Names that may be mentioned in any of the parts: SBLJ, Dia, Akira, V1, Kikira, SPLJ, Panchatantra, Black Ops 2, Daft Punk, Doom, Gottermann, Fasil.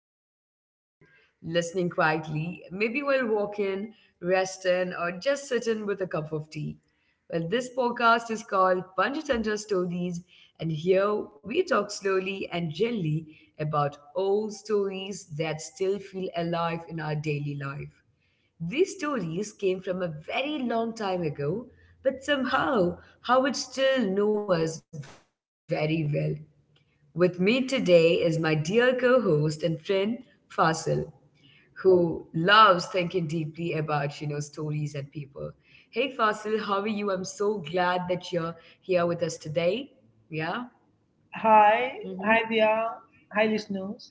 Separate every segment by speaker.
Speaker 1: here with us today, listening quietly, maybe while walking, resting, or just sitting with a cup of tea. Well, this podcast is called Panchatantra Stories, and here we talk slowly and gently about old stories that still feel alive in our daily life. These stories came from a very long time ago, but somehow Howard still know us very well. With me today is my dear co-host and friend Fasil, who loves thinking deeply about stories and people. Hey Fasil, how are you? I'm so glad that you're here with us today. Yeah.
Speaker 2: Hi,
Speaker 1: Mm-hmm.
Speaker 2: hi Dia, hi listeners.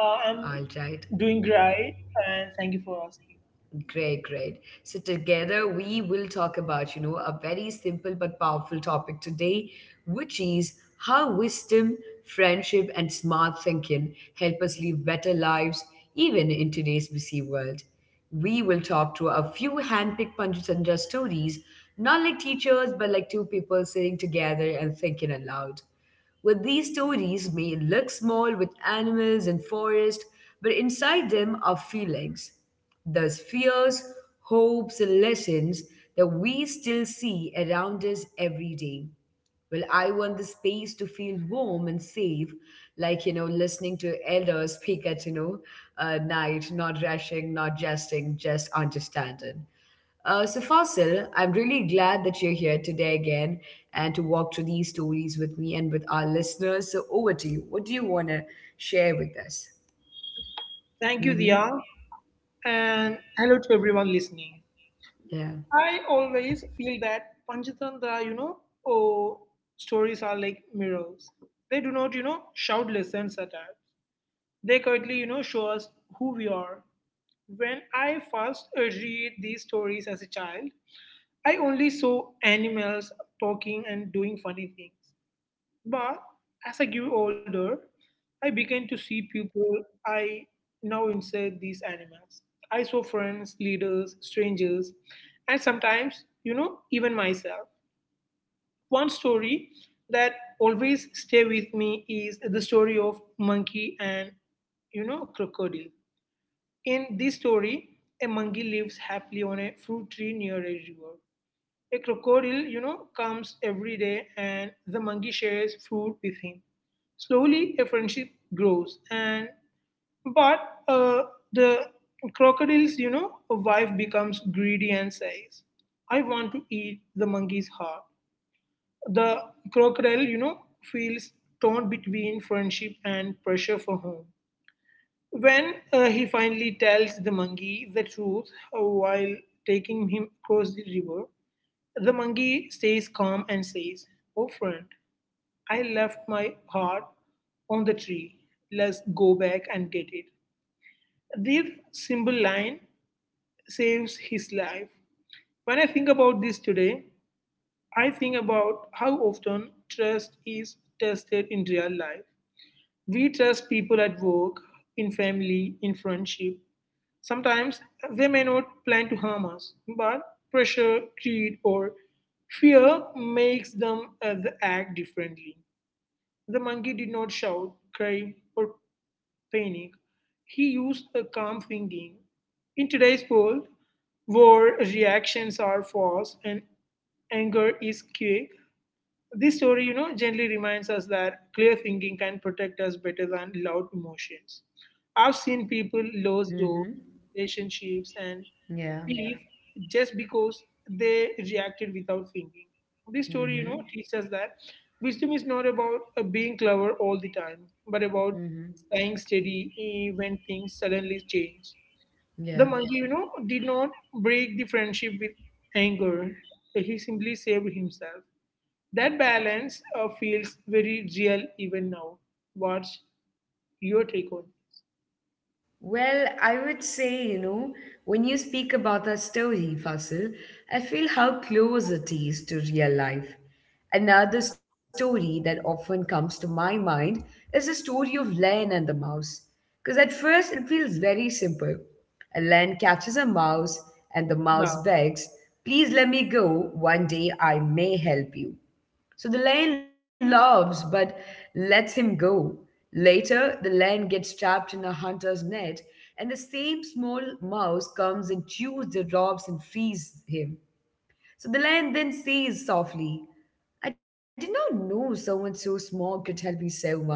Speaker 2: Uh,
Speaker 1: All
Speaker 2: I'm
Speaker 1: right.
Speaker 2: doing great and thank you for asking.
Speaker 1: Great, great. So together we will talk about, you know, a very simple but powerful topic today, which is how wisdom, friendship, and smart thinking help us live better lives even in today's busy world. We will talk to a few handpicked Panchatandra stories, not like teachers, but like two people sitting together and thinking aloud. Well, these stories may look small with animals and forest, but inside them are feelings. Thus, fears, hopes, and lessons that we still see around us every day. Well, I want the space to feel warm and safe, like, you know, listening to elders speak at, night, not rushing, not jesting, just understanding. So, Fasil, I'm really glad that you're here today again and to walk through these stories with me and with our listeners. So, over to you. What do you want to share with us?
Speaker 2: Thank you,
Speaker 1: Mm-hmm.
Speaker 2: Dia, and hello to everyone listening.
Speaker 1: Yeah.
Speaker 2: I always feel that Panchatantra, oh, stories are like mirrors. They do not, shout lessons at us. They quietly, show us who we are. When I first read these stories as a child, I only saw animals talking and doing funny things. But as I grew older, I began to see people I now insert these animals. I saw friends, leaders, strangers, and sometimes, even myself. One story that always stay with me is the story of monkey and crocodile. In this story, a monkey lives happily on a fruit tree near a river. A crocodile, comes every day and the monkey shares food with him. Slowly, a friendship grows, and but uh, the crocodile's, wife becomes greedy and says, "I want to eat the monkey's heart." The crocodile, feels torn between friendship and pressure for home. When he finally tells the monkey the truth while taking him across the river, the monkey stays calm and says, "Oh, friend, I left my heart on the tree. Let's go back and get it." This simple line saves his life. When I think about this today, I think about how often trust is tested in real life. We trust people at work, in family, in friendship. Sometimes they may not plan to harm us, but pressure, greed, or fear makes them the act differently. The monkey did not shout, cry, or panic. He used a calm thinking. In today's world, where reactions are fast and anger is quick, this story, gently reminds us that clear thinking can protect us better than loud emotions. I've seen people lose doors,
Speaker 1: Mm-hmm.
Speaker 2: relationships, and
Speaker 1: Yeah.
Speaker 2: belief just because they reacted without thinking. This story,
Speaker 1: Mm-hmm.
Speaker 2: teaches us that wisdom is not about being clever all the time, but about
Speaker 1: Mm-hmm.
Speaker 2: staying steady when things suddenly change. The
Speaker 1: Yeah.
Speaker 2: monkey, did not break the friendship with anger. He simply saved himself. That balance feels very real even now. What's your take on?
Speaker 1: Well, I would say, you know, when you speak about that story, Fasil, I feel how close it is to real life. Another story that often comes to my mind is the story of Len and the mouse. Because at first it feels very simple. A Len catches a mouse and the
Speaker 2: Yeah,
Speaker 1: mouse begs, please let me go. One day I may help you. So the lion laughs but lets him go. Later, the lion gets trapped in a hunter's net, and the same small mouse comes and chews the ropes and frees him. So the lion then says softly, I did not know someone so small could help me so much.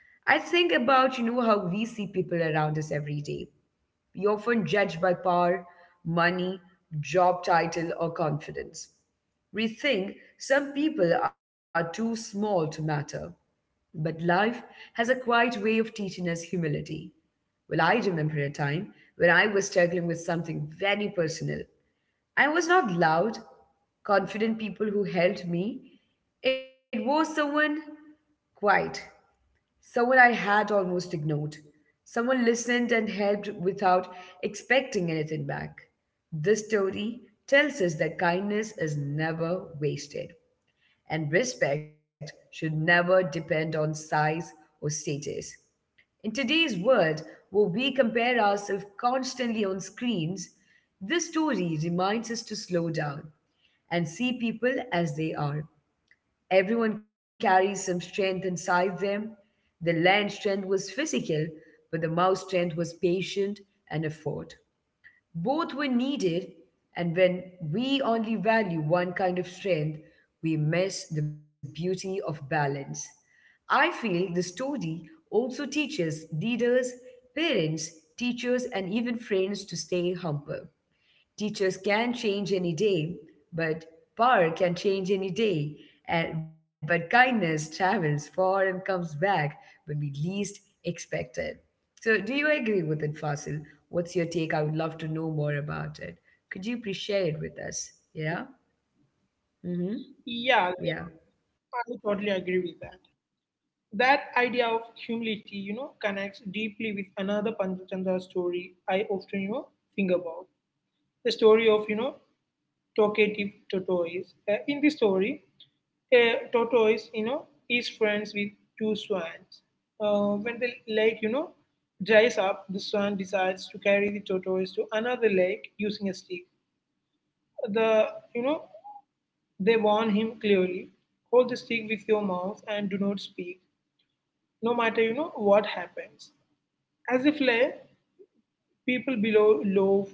Speaker 1: I think about, you know, how we see people around us every day. We often judge by power, money, job title, or confidence. We think some people are too small to matter, but life has a quiet way of teaching us humility. Well, I remember a time when I was struggling with something very personal. I was not loud, confident people who helped me. It was someone quiet. Someone I had almost ignored. Someone listened and helped without expecting anything back. This story tells us that kindness is never wasted, and respect should never depend on size or status. In today's world, where we compare ourselves constantly on screens, this story reminds us to slow down and see people as they are. Everyone carries some strength inside them. The land strength was physical, but the mouse strength was patient and effort. Both were needed, and when we only value one kind of strength, we miss the beauty of balance. I feel the story also teaches leaders, parents, teachers, and even friends to stay humble. Teachers can change any day, but power can change any day. And, but kindness travels far and comes back when we least expect it. So, do you agree with it, Fasil? What's your take? I would love to know more about it. Could you please share it with us? Yeah? Mm-hmm.
Speaker 2: yeah,
Speaker 1: Yeah.
Speaker 2: yeah, I totally agree with that. That idea of humility, connects deeply with another Panchachandra story I often, think about. The story of, talkative tortoise. In this story, a tortoise, is friends with two swans. When the lake, dries up, the swan decides to carry the tortoise to another lake using a stick. The, you know, they warn him clearly: hold the stick with your mouth and do not speak, no matter what happens. As if lay people below love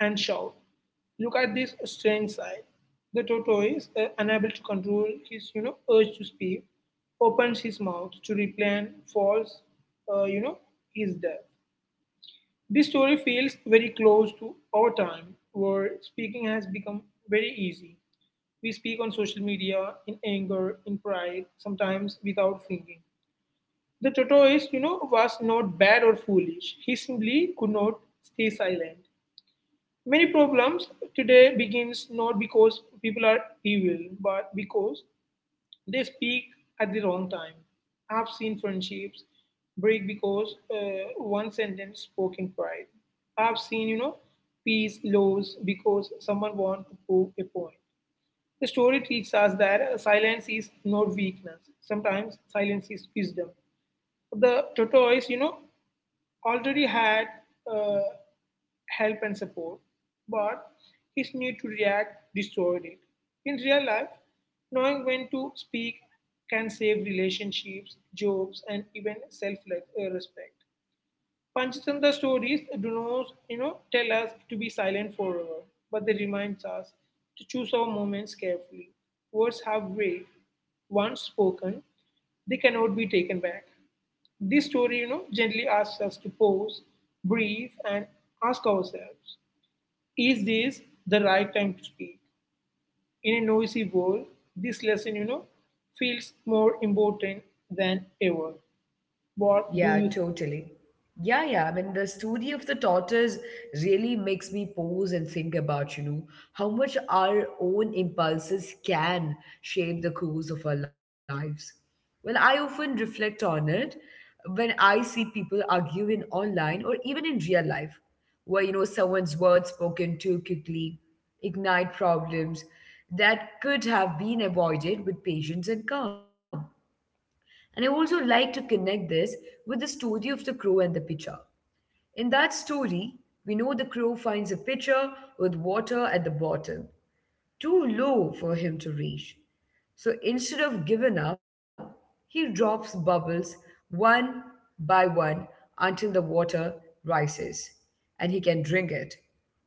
Speaker 2: and shout. Look at this strange sight. The tortoise, unable to control his urge to speak, opens his mouth to reply and falls, uh, you know, his death. This story feels very close to our time, where speaking has become very easy. We speak on social media in anger, in pride, sometimes without thinking. The tortoise, was not bad or foolish. He simply could not stay silent. Many problems today begins not because people are evil, but because they speak at the wrong time. I've seen friendships break because one sentence spoken pride. I've seen, peace lows because someone wants to prove a point. The story teaches us that silence is not weakness. Sometimes silence is wisdom. The tortoise, already had uh, help and support, but his need to react destroyed it. In real life, knowing when to speak can save relationships, jobs, and even self respect. Panchtantra stories do not, tell us to be silent forever, but they remind us to choose our moments carefully. Words have weight. Once spoken, they cannot be taken back. This story, gently asks us to pause, breathe, and ask ourselves, is this the right time to speak? In a noisy world, this lesson, feels more important than ever. What do
Speaker 1: Yeah,
Speaker 2: you
Speaker 1: totally. Yeah, yeah. I mean, the story of the tortoise really makes me pause and think about, you know, how much our own impulses can shape the course of our lives. Well, I often reflect on it when I see people arguing online or even in real life, where, you know, someone's words spoken too quickly ignite problems that could have been avoided with patience and calm. And I also like to connect this with the story of the crow and the pitcher. In that story, we know the crow finds a pitcher with water at the bottom too low for him to reach. So instead of giving up, he drops bubbles one by one until the water rises and he can drink it.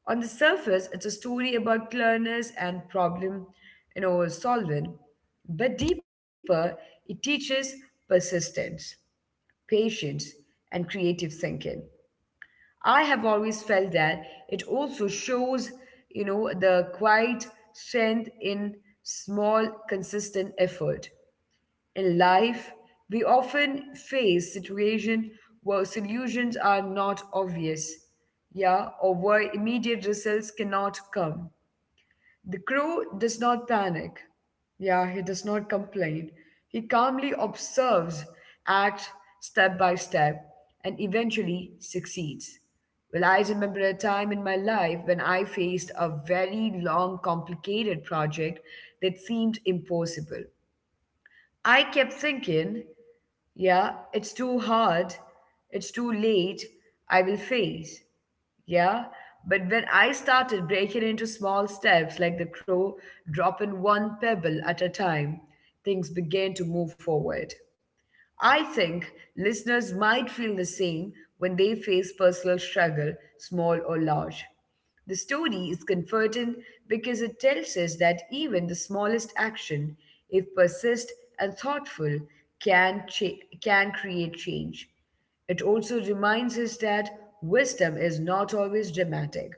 Speaker 1: On the surface, it's a story about cleverness and problem, solving, but deeper, it teaches persistence, patience, and creative thinking. I have always felt that it also shows, you know, the quiet strength in small, consistent effort. In life, we often face situations where solutions are not obvious, yeah, or where immediate results cannot come. The crow does not panic. Yeah, he does not complain. He calmly observes, acts step by step, and eventually succeeds. Well, I remember a time in my life when I faced a very long, complicated project that seemed impossible. I kept thinking, yeah, it's too hard. It's too late. I will face. Yeah, but when I started breaking into small steps like the crow dropping one pebble at a time, things began to move forward. I think listeners might feel the same when they face personal struggle, small or large. The story is comforting because it tells us that even the smallest action, if persist and thoughtful, can create change. It also reminds us that wisdom is not always dramatic.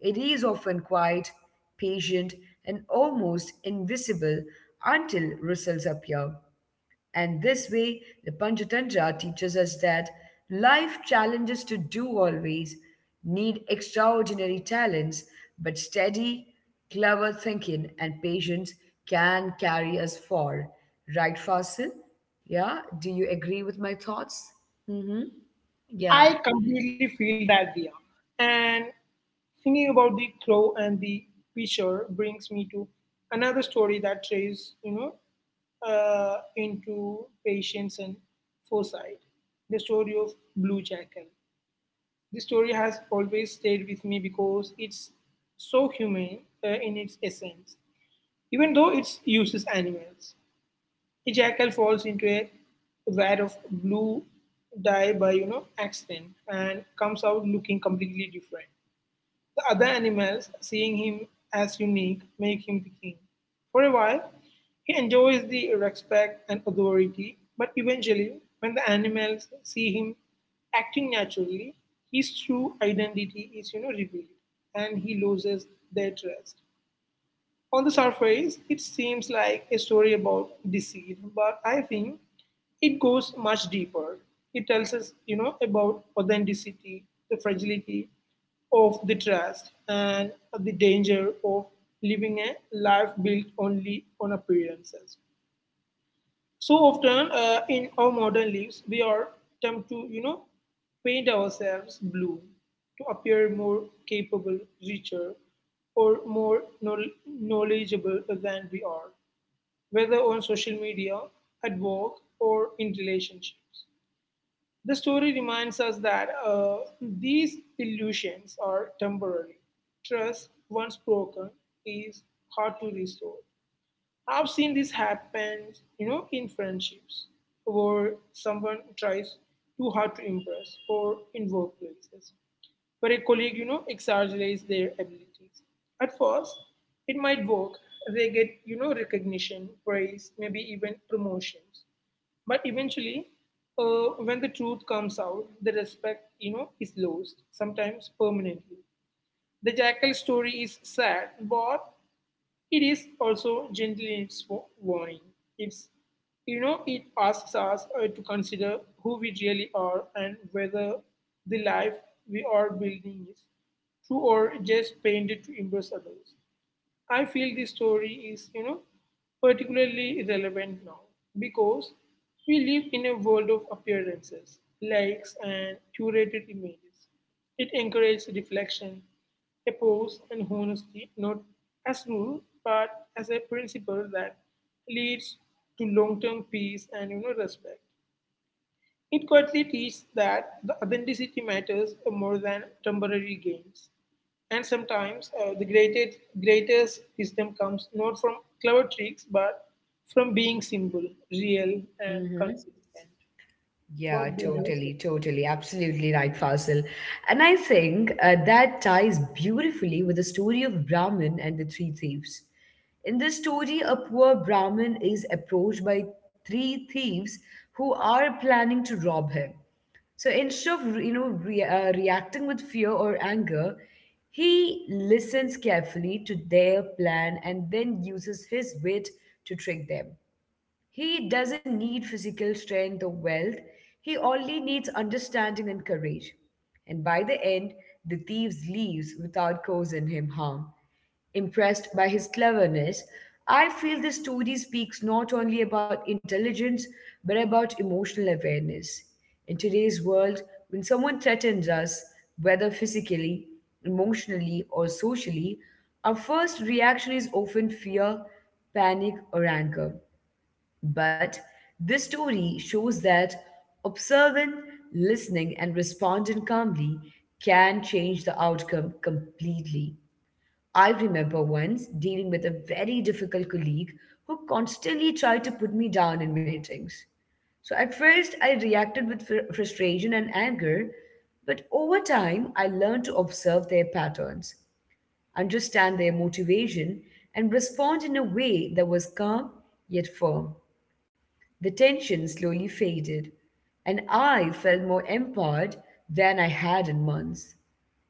Speaker 1: It is often quiet, patient, and almost invisible until results appear. And this way, the Panchatantra teaches us that life challenges to do always need extraordinary talents, but steady, clever thinking and patience can carry us far. Right, Fasil? Yeah, do you agree with my thoughts? Mm-hmm. Yeah.
Speaker 2: I completely feel that idea. And thinking about the crow and the pitcher brings me to another story that traces, into patience and foresight. The story of Blue Jackal. This story has always stayed with me because it's so humane in its essence, even though it uses animals. A jackal falls into a vat of blue dye by accident and comes out looking completely different. The other animals, seeing him as unique, make him the king. For a while, he enjoys the respect and authority, but eventually, when the animals see him acting naturally, his true identity is revealed, and he loses their trust. On the surface, it seems like a story about deceit, but I think it goes much deeper. It tells us, about authenticity, the fragility of the trust, and the danger of living a life built only on appearances. So often in our modern lives we are tempted to paint ourselves blue to appear more capable, richer, or more knowledgeable than we are, whether on social media, at work, or in relationships. The story reminds us that these illusions are temporary. Trust once broken is hard to restore. I've seen this happen, in friendships where someone tries too hard to impress, or in workplaces where a colleague, exaggerates their abilities. At first, it might work. They get, recognition, praise, maybe even promotions. But eventually, when the truth comes out, the respect, is lost, sometimes permanently. The jackal story is sad, but it is also gently in its warning. It's, it asks us to consider who we really are and whether the life we are building is true or just painted to impress others. I feel this story is, particularly relevant now because we live in a world of appearances, likes, and curated images. It encourages reflection, a pause, and honesty, not as rule, but as a principle that leads to long-term peace and respect. It quietly teaches that the authenticity matters more than temporary gains. And sometimes the greatest wisdom comes not from clever tricks, but from being simple, real, and
Speaker 1: Mm-hmm.
Speaker 2: consistent.
Speaker 1: Yeah,
Speaker 2: What do you think?
Speaker 1: totally, totally, absolutely right, Fasil. And I think that ties beautifully with the story of Brahmin and the three thieves. In this story, a poor Brahmin is approached by three thieves who are planning to rob him. So instead of reacting with fear or anger, he listens carefully to their plan and then uses his wit to trick them. He doesn't need physical strength or wealth, he only needs understanding and courage. And by the end, the thief leaves without causing him harm. Impressed by his cleverness, I feel the story speaks not only about intelligence but about emotional awareness. In today's world, when someone threatens us, whether physically, emotionally, or socially, our first reaction is often fear, panic, or anger. But this story shows that observing, listening, and responding calmly can change the outcome completely. I remember once dealing with a very difficult colleague who constantly tried to put me down in meetings. So at first, I reacted with frustration and anger, but over time, I learned to observe their patterns, understand their motivation, and respond in a way that was calm yet firm. The tension slowly faded, and I felt more empowered than I had in months.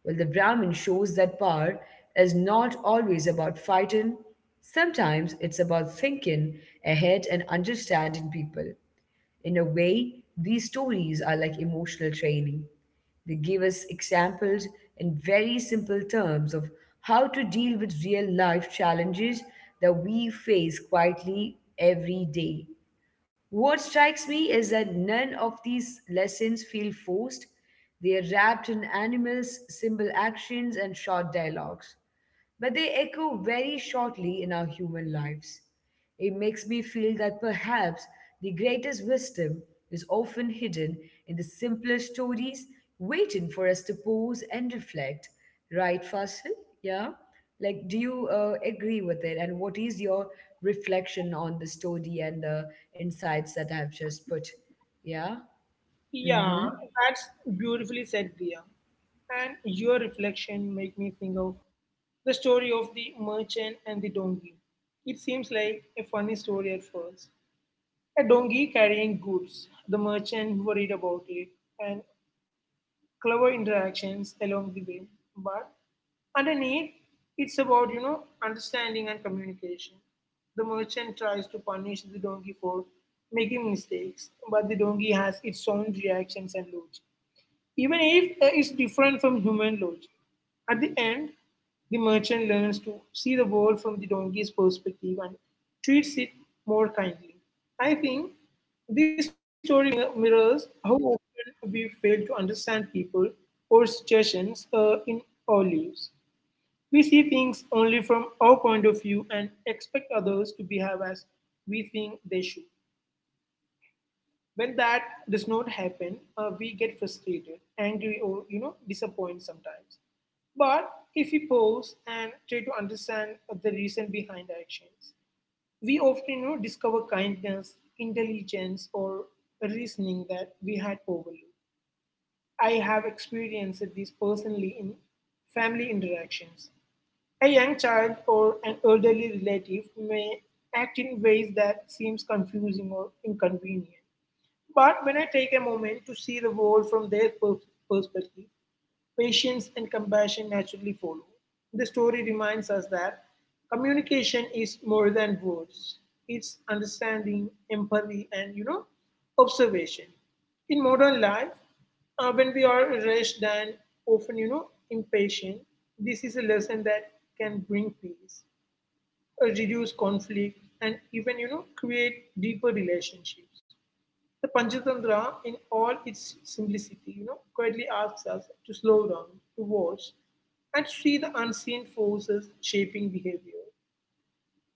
Speaker 1: Well, the Brahmin shows that power is not always about fighting, sometimes it's about thinking ahead and understanding people. In a way, these stories are like emotional training. They give us examples in very simple terms of how to deal with real life challenges that we face quietly every day. What strikes me is that none of these lessons feel forced. They are wrapped in animals, simple actions, and short dialogues but they echo very shortly in our human lives. It makes me feel that perhaps the greatest wisdom is often hidden in the simpler stories, waiting for us to pause and reflect. Right, Fasil? Yeah? Like, do you agree with it? And what is your reflection on the story and the insights that I've just put? Yeah? Mm hmm.
Speaker 2: Yeah, that's beautifully said, Priya. And your reflection make me think of the story of the merchant and the donkey. It seems like a funny story at first. A donkey carrying goods, the merchant worried about it, and clever interactions along the way. But underneath, it's about, understanding and communication. The merchant tries to punish the donkey for making mistakes, but the donkey has its own reactions and logic even if it's different from human logic. At the end, the merchant learns to see the world from the donkey's perspective and treats it more kindly. I think this story mirrors how often we fail to understand people or situations in our lives. We see things only from our point of view and expect others to behave as we think they should. When that does not happen, we get frustrated, angry, or disappointed sometimes. But if we pause and try to understand the reason behind actions, we often discover kindness, intelligence, or reasoning that we had overlooked. I have experienced this personally in family interactions. A young child or an elderly relative may act in ways that seems confusing or inconvenient, but when I take a moment to see the world from their perspective, patience and compassion naturally follow. The story reminds us that communication is more than words. It's understanding, empathy, and observation. In modern life, when we are rushed and often, impatient, this is a lesson that can bring peace, reduce conflict, and even, create deeper relationships. The Panchatantra, in all its simplicity, quietly asks us to slow down, to watch, and see the unseen forces shaping behavior.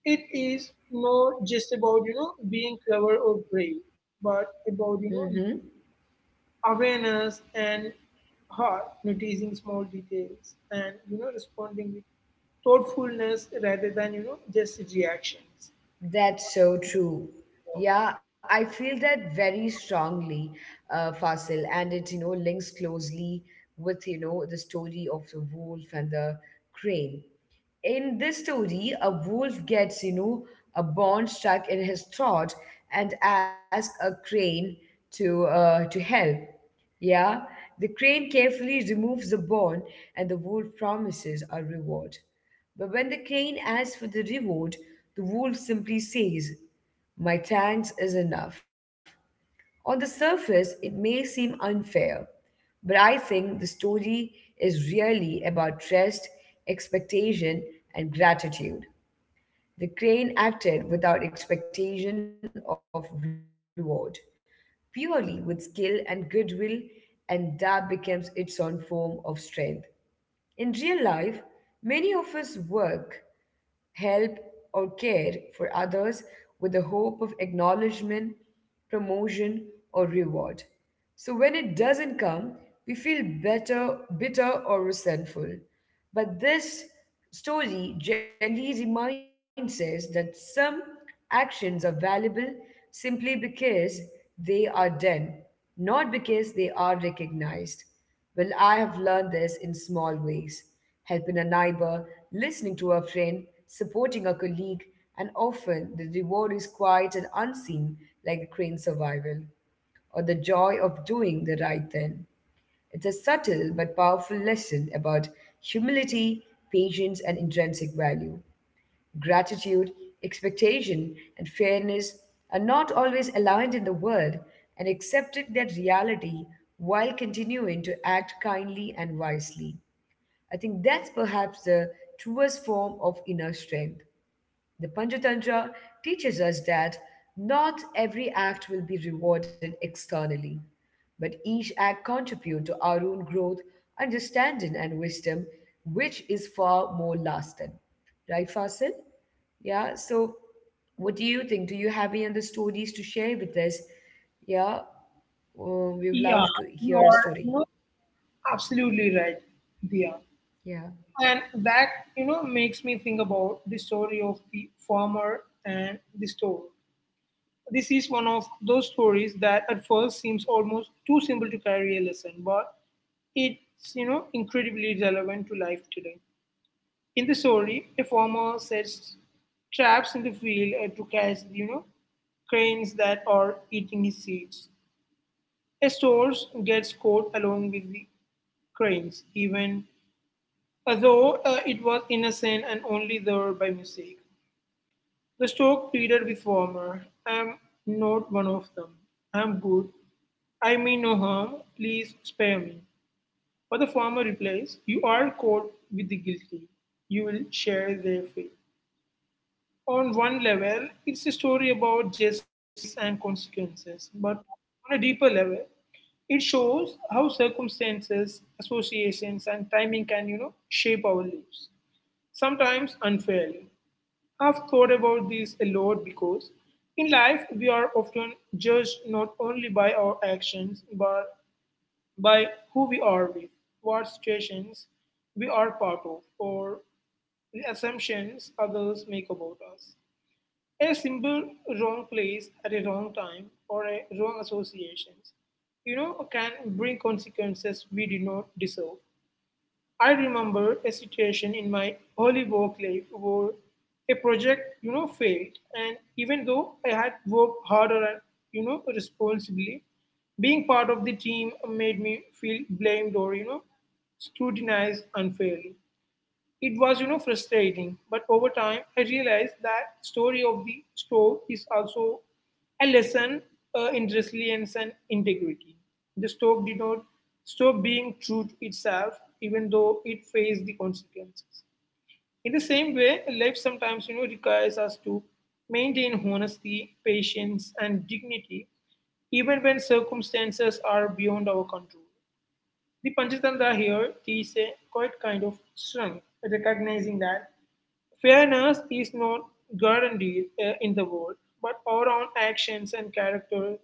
Speaker 2: It is not just about being clever or brave, but
Speaker 1: Mm
Speaker 2: about
Speaker 1: hmm.
Speaker 2: awareness and heart, noticing small details, and responding with thoughtfulness rather than just reactions.
Speaker 1: That's so true. Yeah, I feel that very strongly, Fasil, and it links closely with the story of the wolf and the crane. In this story, a wolf gets, you know, a bone stuck in his throat and asks a crane to help. Yeah, the crane carefully removes the bone and the wolf promises a reward. But when the crane asks for the reward, the wolf simply says, my thanks is enough. On the surface, it may seem unfair, but I think the story is really about trust, expectation, and gratitude. The crane acted without expectation of reward, purely with skill and goodwill, and that becomes its own form of strength. In real life, many of us work help, or care for others with the hope of acknowledgement, promotion, or reward. So when it doesn't come, we feel better, bitter, or resentful. But this story gently reminds us that some actions are valuable simply because they are done, not because they are recognized. Well, I have learned this in small ways helping a neighbor, listening to a friend, supporting a colleague, and often the reward is quiet and unseen, like a crane survival or the joy of doing the right thing. It's a subtle but powerful lesson about humility, patience, and intrinsic value. Gratitude, expectation, and fairness are not always aligned in the world, and accepting that reality while continuing to act kindly and wisely. I think that's perhaps the truest form of inner strength. The Panchatantra teaches us that not every act will be rewarded externally, but each act contributes to our own growth, understanding, and wisdom, which is far more lasting. Right, Fasil? Yeah, so what do you think? Do you have any other stories to share with us? Yeah, we
Speaker 2: Yeah,
Speaker 1: would love to
Speaker 2: you are
Speaker 1: hear a story.
Speaker 2: absolutely right, Dia.
Speaker 1: Yeah.
Speaker 2: And that, makes me think about the story of the farmer and the store. This is one of those stories that at first seems almost too simple to carry a lesson, but it's, incredibly relevant to life today. In the story, a farmer sets traps in the field to catch, cranes that are eating his seeds. A store gets caught along with the cranes, even though it was innocent and only there by mistake. The stork pleaded with Farmer, "I'm not one of them. I'm good. I mean no harm. Please spare me. But the farmer replies, you are caught with the guilty. You will share their fate. On one level, it's a story about justice and consequences. But on a deeper level, it shows how circumstances, associations, and timing can, shape our lives, sometimes unfairly. I've thought about this a lot because in life we are often judged not only by our actions but by who we are with, what situations we are part of, or the assumptions others make about us. A simple wrong place at a wrong time or a wrong associations, can bring consequences we did not deserve. I remember a situation in my early work life where a project failed. And even though I had worked harder and, responsibly, being part of the team made me feel blamed or, scrutinized unfairly. It was frustrating, but over time I realized that story of the stove is also a lesson in resilience and integrity. The stove did not stop being true to itself, even though it faced the consequences. In the same way, life sometimes requires us to maintain honesty, patience, and dignity, even when circumstances are beyond our control. The Panchatantra here is a quite kind of strength, recognizing that fairness is not guaranteed in the world, but our own actions and character,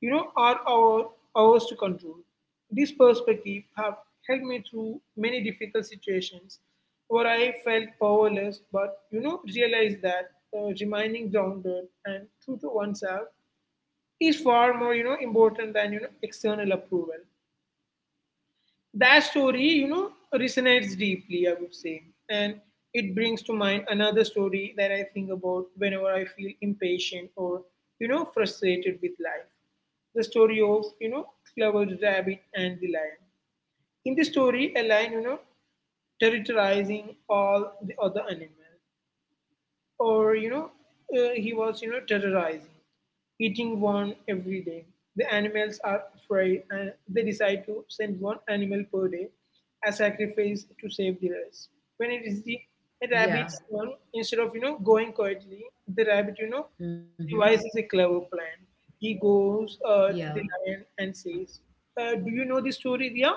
Speaker 2: are our ours to control. This perspective have helped me through many difficult situations where I felt powerless, but realized that remaining grounded and true to oneself is far more important than external approval. That story resonates deeply, I would say. And it brings to mind another story that I think about whenever I feel impatient or, frustrated with life. The story of, clever rabbit and the lion. In the story, a lion, terrorizing all the other animals, or he was terrorizing, eating one every day. The animals are afraid, and they decide to send one animal per day as sacrifice to save the rest. When it is the rabbit's turn, instead of
Speaker 1: Yeah.
Speaker 2: going quietly, the rabbit devises a clever plan.
Speaker 1: Mm-hmm.
Speaker 2: He goes to the lion and
Speaker 1: Yeah.
Speaker 2: says, do you know the story, Ria?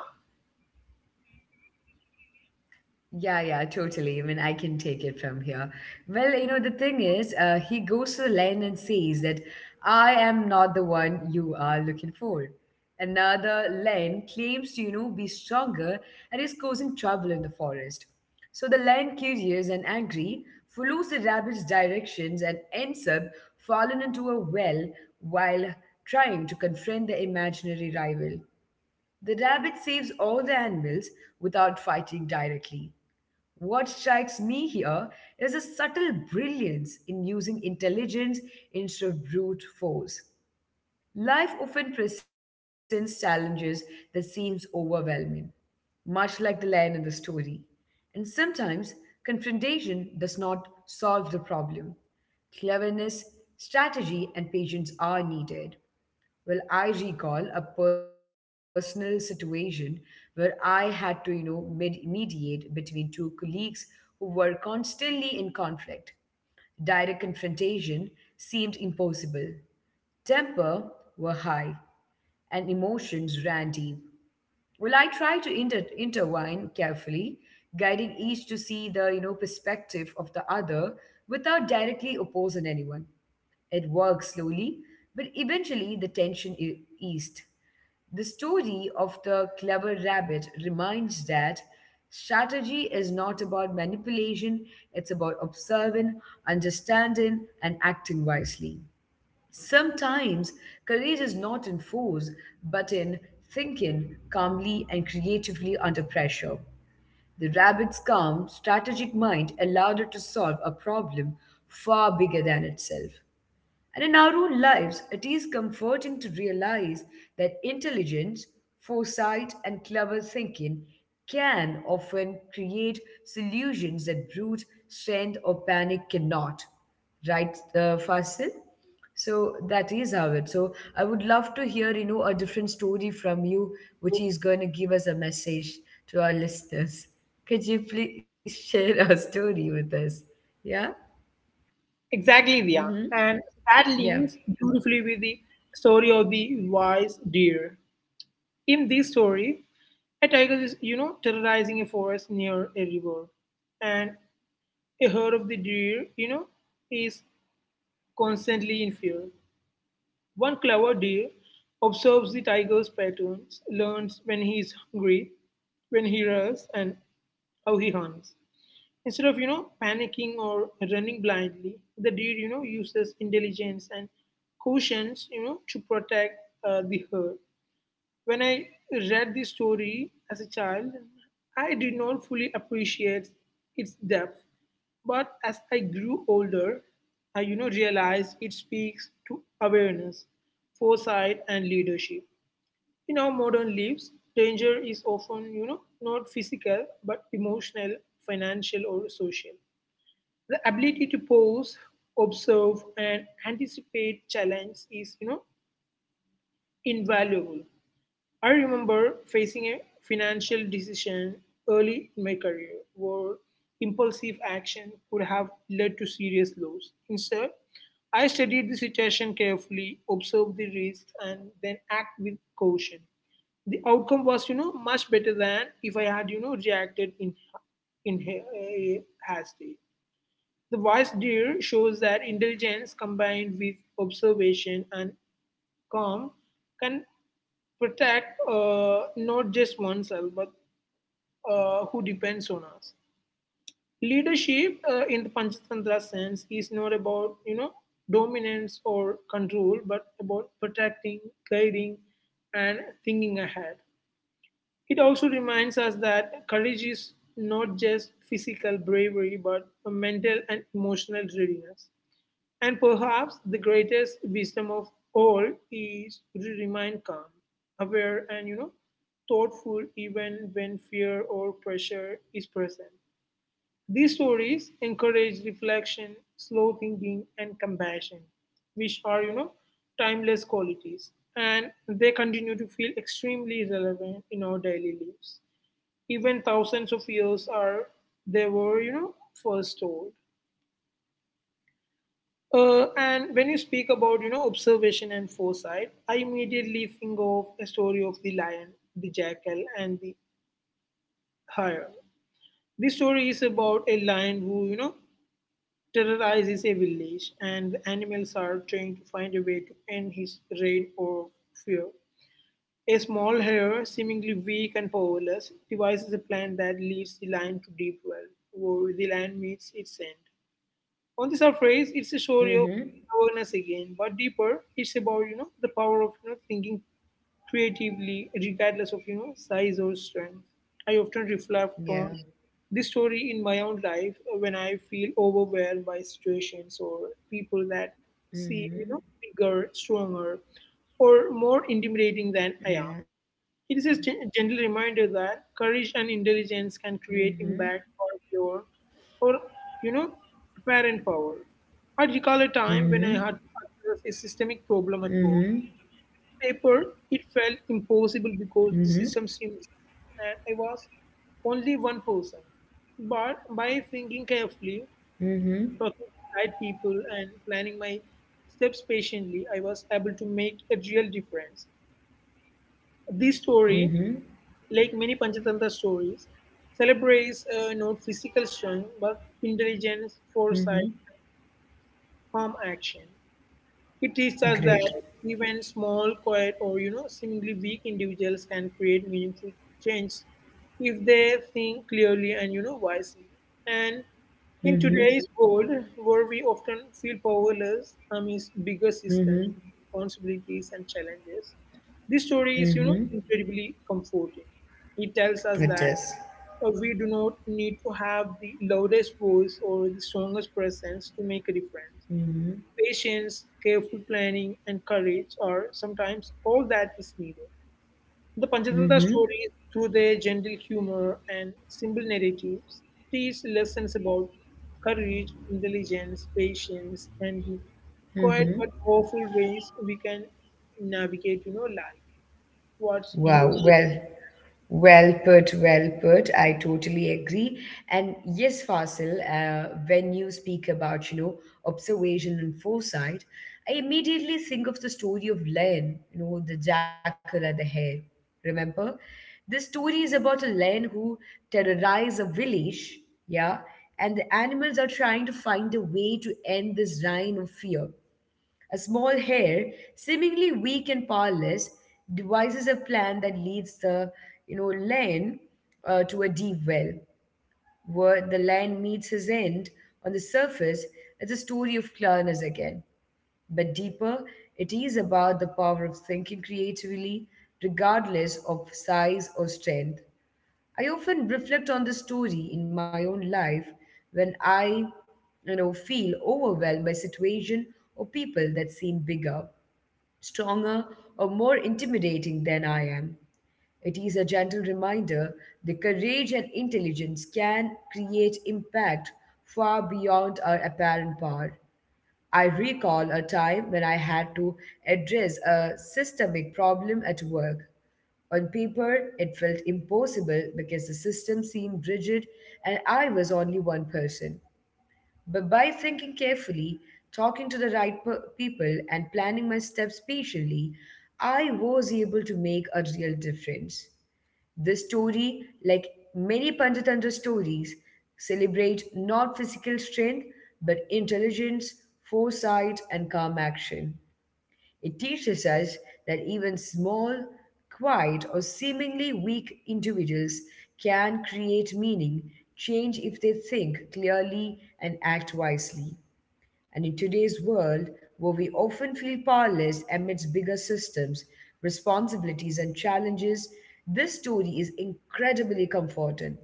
Speaker 1: Yeah, yeah, totally. I mean, I can take it from here. Well, the thing is, he goes to the land and says that I am not the one you are looking for. Another Len claims to be stronger and is causing trouble in the forest. So the Len, curious and angry, follows the rabbit's directions and ends up falling into a well while trying to confront the imaginary rival. The rabbit saves all the animals without fighting directly. What strikes me here is a subtle brilliance in using intelligence instead of brute force. Life often presents challenges that seems overwhelming, much like the lion in the story. And sometimes confrontation does not solve the problem. Cleverness, strategy, and patience are needed. Well, I recall a personal situation where I had to mediate between two colleagues who were constantly in conflict. Direct confrontation seemed impossible. Temper were high, and emotions ran deep. Well, I tried to intertwine carefully, guiding each to see the perspective of the other without directly opposing anyone. It works slowly, but eventually the tension eased. The story of the clever rabbit reminds that strategy is not about manipulation, it's about observing, understanding, and acting wisely. Sometimes courage is not in force, but in thinking calmly and creatively under pressure. The rabbit's calm, strategic mind allowed it to solve a problem far bigger than itself. And in our own lives, it is comforting to realize that intelligence, foresight, and clever thinking can often create solutions that brute strength or panic cannot. Right, Fasil? So that is how it. So I would love to hear a different story from you, which is going to give us a message to our listeners. Could you please share a story with us? Yeah.
Speaker 2: Exactly, Ria.
Speaker 1: Mm-hmm.
Speaker 2: And that
Speaker 1: Yeah.
Speaker 2: links beautifully with the story of the wise deer. In this story, a tiger is, terrorizing a forest near a river, and a herd of the deer, is constantly in fear. One clever deer observes the tiger's patterns, learns when he is hungry, when he rests, and how he hunts. Instead of, panicking or running blindly, the deer, uses intelligence and cautions, to protect the herd. When I read this story as a child, I did not fully appreciate its depth. But as I grew older, I realized it speaks to awareness, foresight, and leadership. In our modern lives, danger is often not physical but emotional, financial, or social. The ability to pause, observe, and anticipate challenge is invaluable. I remember facing a financial decision early in my career where impulsive action could have led to serious loss. Instead, I studied the situation carefully, observed the risks, and then act with caution. The outcome was, much better than if I had, reacted in hasty. The wise deer shows that intelligence combined with observation and calm can protect not just oneself but who depends on us. Leadership in the Panchatantra sense is not about dominance or control, but about protecting, guiding, and thinking ahead. It also reminds us that courage is not just physical bravery, but a mental and emotional readiness. And perhaps the greatest wisdom of all is to remain calm, aware, and thoughtful even when fear or pressure is present. These stories encourage reflection, slow thinking, and compassion, which are, timeless qualities. And they continue to feel extremely relevant in our daily lives, even thousands of years are they were, first told. And when you speak about observation and foresight, I immediately think of a story of the lion, the jackal, and the hare. This story is about a lion who terrorizes a village, and the animals are trying to find a way to end his reign of fear. A small hare, seemingly weak and powerless, devises a plan that leads the lion to deep well, where the lion meets its end. On the surface, it's a story of
Speaker 1: Mm-hmm.
Speaker 2: awareness again, but deeper, it's about the power of thinking creatively, regardless of size or strength. I often reflect on
Speaker 1: Yeah.
Speaker 2: this story in my own life when I feel overwhelmed by situations or people that seem
Speaker 1: Mhm.
Speaker 2: bigger, stronger, or more
Speaker 1: Yeah.
Speaker 2: intimidating than I am. It is a gentle reminder
Speaker 1: Mhm.
Speaker 2: that courage and intelligence can create impact for your, or you know, parent
Speaker 1: Mhm.
Speaker 2: power. I recall a time when I had to
Speaker 1: Mhm.
Speaker 2: address a systemic problem at work. Paper, it felt
Speaker 1: Mhm.
Speaker 2: impossible because the system seemed, and I was only one person. But by thinking carefully,
Speaker 1: Mhm.
Speaker 2: talking to the right people, and planning my steps patiently, I was able to make a real difference. This
Speaker 1: Mhm.
Speaker 2: story, like many Panchatantra stories, celebrates not physical strength but intelligence, foresight,
Speaker 1: Mhm.
Speaker 2: calm action. It teaches us that
Speaker 1: Great.
Speaker 2: even small, quiet, or seemingly weak individuals can create meaningful change if they think clearly and wisely. And in
Speaker 1: Mhm.
Speaker 2: today's world, where we often feel powerless amidst bigger systems,
Speaker 1: Mhm.
Speaker 2: responsibilities, and challenges, this story is
Speaker 1: Mhm.
Speaker 2: incredibly comforting. It tells us
Speaker 1: It
Speaker 2: that
Speaker 1: is.
Speaker 2: we do not need to have the loudest voice or the strongest presence to make a difference.
Speaker 1: Mhm.
Speaker 2: Patience, careful planning, and courage are sometimes all that is needed. The Panchatantra
Speaker 1: Mhm.
Speaker 2: stories, through their gentle humor and simple narratives, teach lessons about courage, intelligence, patience, and the quiet
Speaker 1: Mhm.
Speaker 2: but powerful ways we can navigate, life. What's
Speaker 1: Wow,
Speaker 2: your
Speaker 1: well, well put, well put. I totally agree. And yes, Fasil, when you speak about observation and foresight, I immediately think of the story of Lion, the jackal and the hare. Remember? The story is about a lion who terrorizes a village, yeah, and the animals are trying to find a way to end this reign of fear. A small hair, seemingly weak and powerless, devises a plan that leads the lion to a deep well, where the lion meets his end on the surface. It's a story of cleverness again. But deeper, it is about the power of thinking creatively, regardless of size or strength. I often reflect on the story in my own life when I feel overwhelmed by situation or people that seem bigger, stronger, or more intimidating than I am. It is a gentle reminder that courage and intelligence can create impact far beyond our apparent power. I recall a time when I had to address a systemic problem at work. On paper, it felt impossible because the system seemed rigid and I was only one person. But by thinking carefully, talking to the right people, and planning my steps patiently, I was able to make a real difference. The story, like many Panchatantra stories, celebrates not physical strength but intelligence, foresight, and calm action. It teaches us that even small, quiet, or seemingly weak individuals can create meaning, change if they think clearly, and act wisely. And in today's world, where we often feel powerless amidst bigger systems, responsibilities, and challenges, this story is incredibly comforting.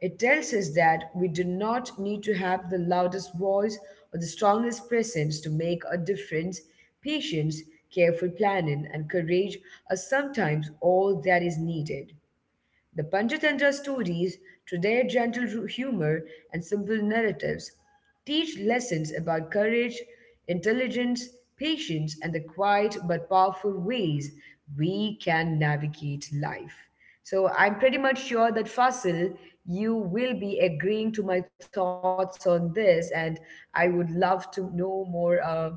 Speaker 1: It tells us that we do not need to have the loudest voice or the strongest presence to make a difference. Patience, careful planning, and courage are sometimes all that is needed. The Panchatantra stories, through their gentle humor and simple narratives, teach lessons about courage, intelligence, patience, and the quiet but powerful ways we can navigate life. So I'm pretty much sure that Fasil, you will be agreeing to my thoughts on this, and I would love to know more.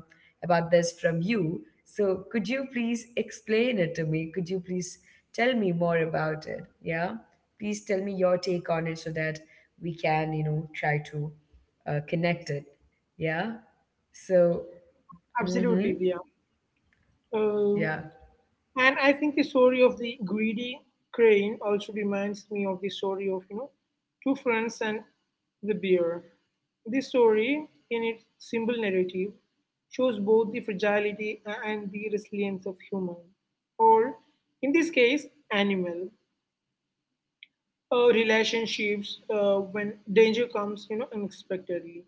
Speaker 1: About this from you. So could you please explain it to me? Could you please tell me more about it? Yeah. Please tell me your take on it so that we can try to connect it. Yeah. So, mm-hmm.
Speaker 2: absolutely, yeah. Um,
Speaker 1: Yeah.
Speaker 2: And I think the story of the greedy crane also reminds me of the story of, two friends and the bear. This story, in its simple narrative, shows both the fragility and the resilience of human, or in this case, animal relationships when danger comes, unexpectedly.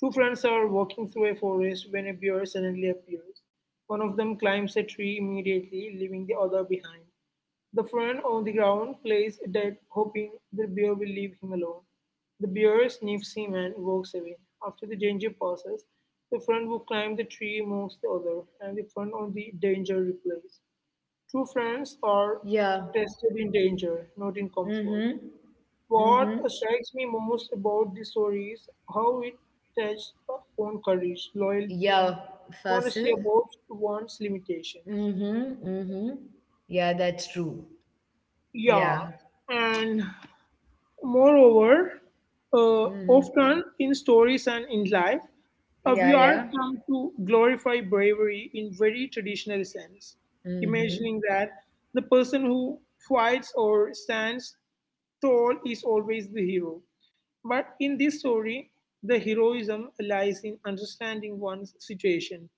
Speaker 2: Two friends are walking through a forest when a bear suddenly appears. One of them climbs a tree immediately, leaving the other behind. The friend on the ground plays dead, hoping the bear will leave him alone. The bear sniffs him and walks away. After the danger passes, the friend who climbed the tree moves the other, and the friend on the danger replays. True friends are
Speaker 1: Yeah.
Speaker 2: tested in danger, not in comfort.
Speaker 1: Mm-hmm.
Speaker 2: What
Speaker 1: Mm-hmm.
Speaker 2: strikes me most about this story is how it touches on courage, loyalty, and
Speaker 1: Yeah,
Speaker 2: honesty
Speaker 1: Fasil.
Speaker 2: about one's limitations.
Speaker 1: Mm-hmm. Mm-hmm. Yeah, that's true.
Speaker 2: Yeah,
Speaker 1: Yeah.
Speaker 2: and moreover,
Speaker 1: Mm-hmm.
Speaker 2: often in stories and in life, we
Speaker 1: Yeah,
Speaker 2: are
Speaker 1: yeah.
Speaker 2: come to glorify bravery in very traditional sense,
Speaker 1: Mm-hmm.
Speaker 2: imagining that the person who fights or stands tall is always the hero. But in this story, the heroism lies in understanding one's situation,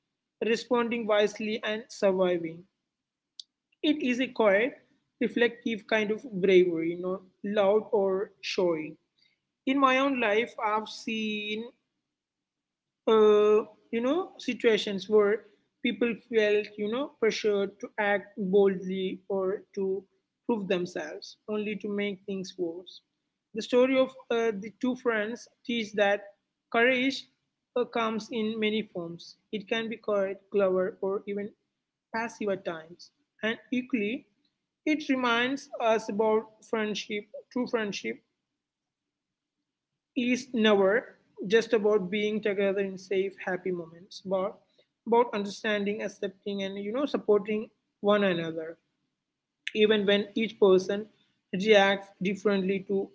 Speaker 2: responding wisely, and surviving. It is a quiet, reflective kind of bravery, not loud or showy. In my own life, I've seen uh, situations where people felt pressured to act boldly or to prove themselves only to make things worse. The story of the two friends teaches that courage comes in many forms. It can be quiet, clever, or even passive at times. And equally, it reminds us about friendship. True friendship is never just about being together in safe, happy moments, but about understanding, accepting, and supporting one another, even when each person reacts differently to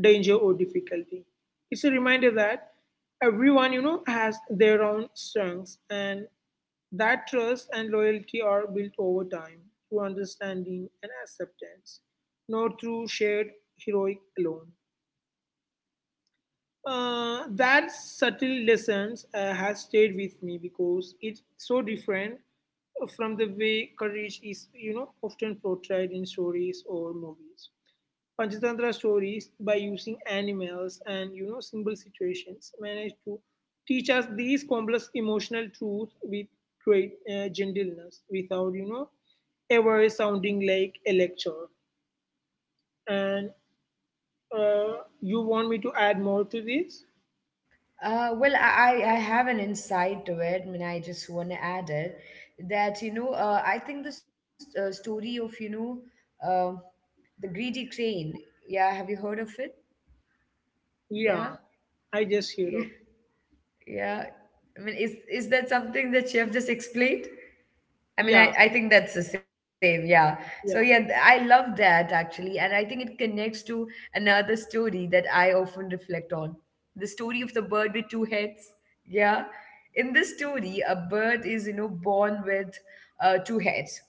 Speaker 2: danger or difficulty. It's a reminder that everyone, has their own strengths, and that trust and loyalty are built over time through understanding and acceptance, not through shared heroic alone. That subtle lessons has stayed with me because it's so different from the way courage is, often portrayed in stories or movies. Panchatantra stories, by using animals and simple situations, manage to teach us these complex emotional truths with great gentleness, without ever sounding like a lecture. And uh, you want me to add more to this?
Speaker 1: Well, I have an insight to it. I mean, I just want to add it that I think this story of, you know, uh, the greedy crane. Yeah, have you heard of it?
Speaker 2: Yeah,
Speaker 1: Yeah.
Speaker 2: I just heard of.
Speaker 1: Yeah. I mean, is that something that Chef just explained? I mean, I,
Speaker 2: Yeah,
Speaker 1: I think that's the same. Yeah. So, yeah,
Speaker 2: yeah,
Speaker 1: I
Speaker 2: yeah,
Speaker 1: love that actually. And I think it connects to another story that I often reflect on the story of the bird with two heads. Yeah. In this story, a bird is born with two heads.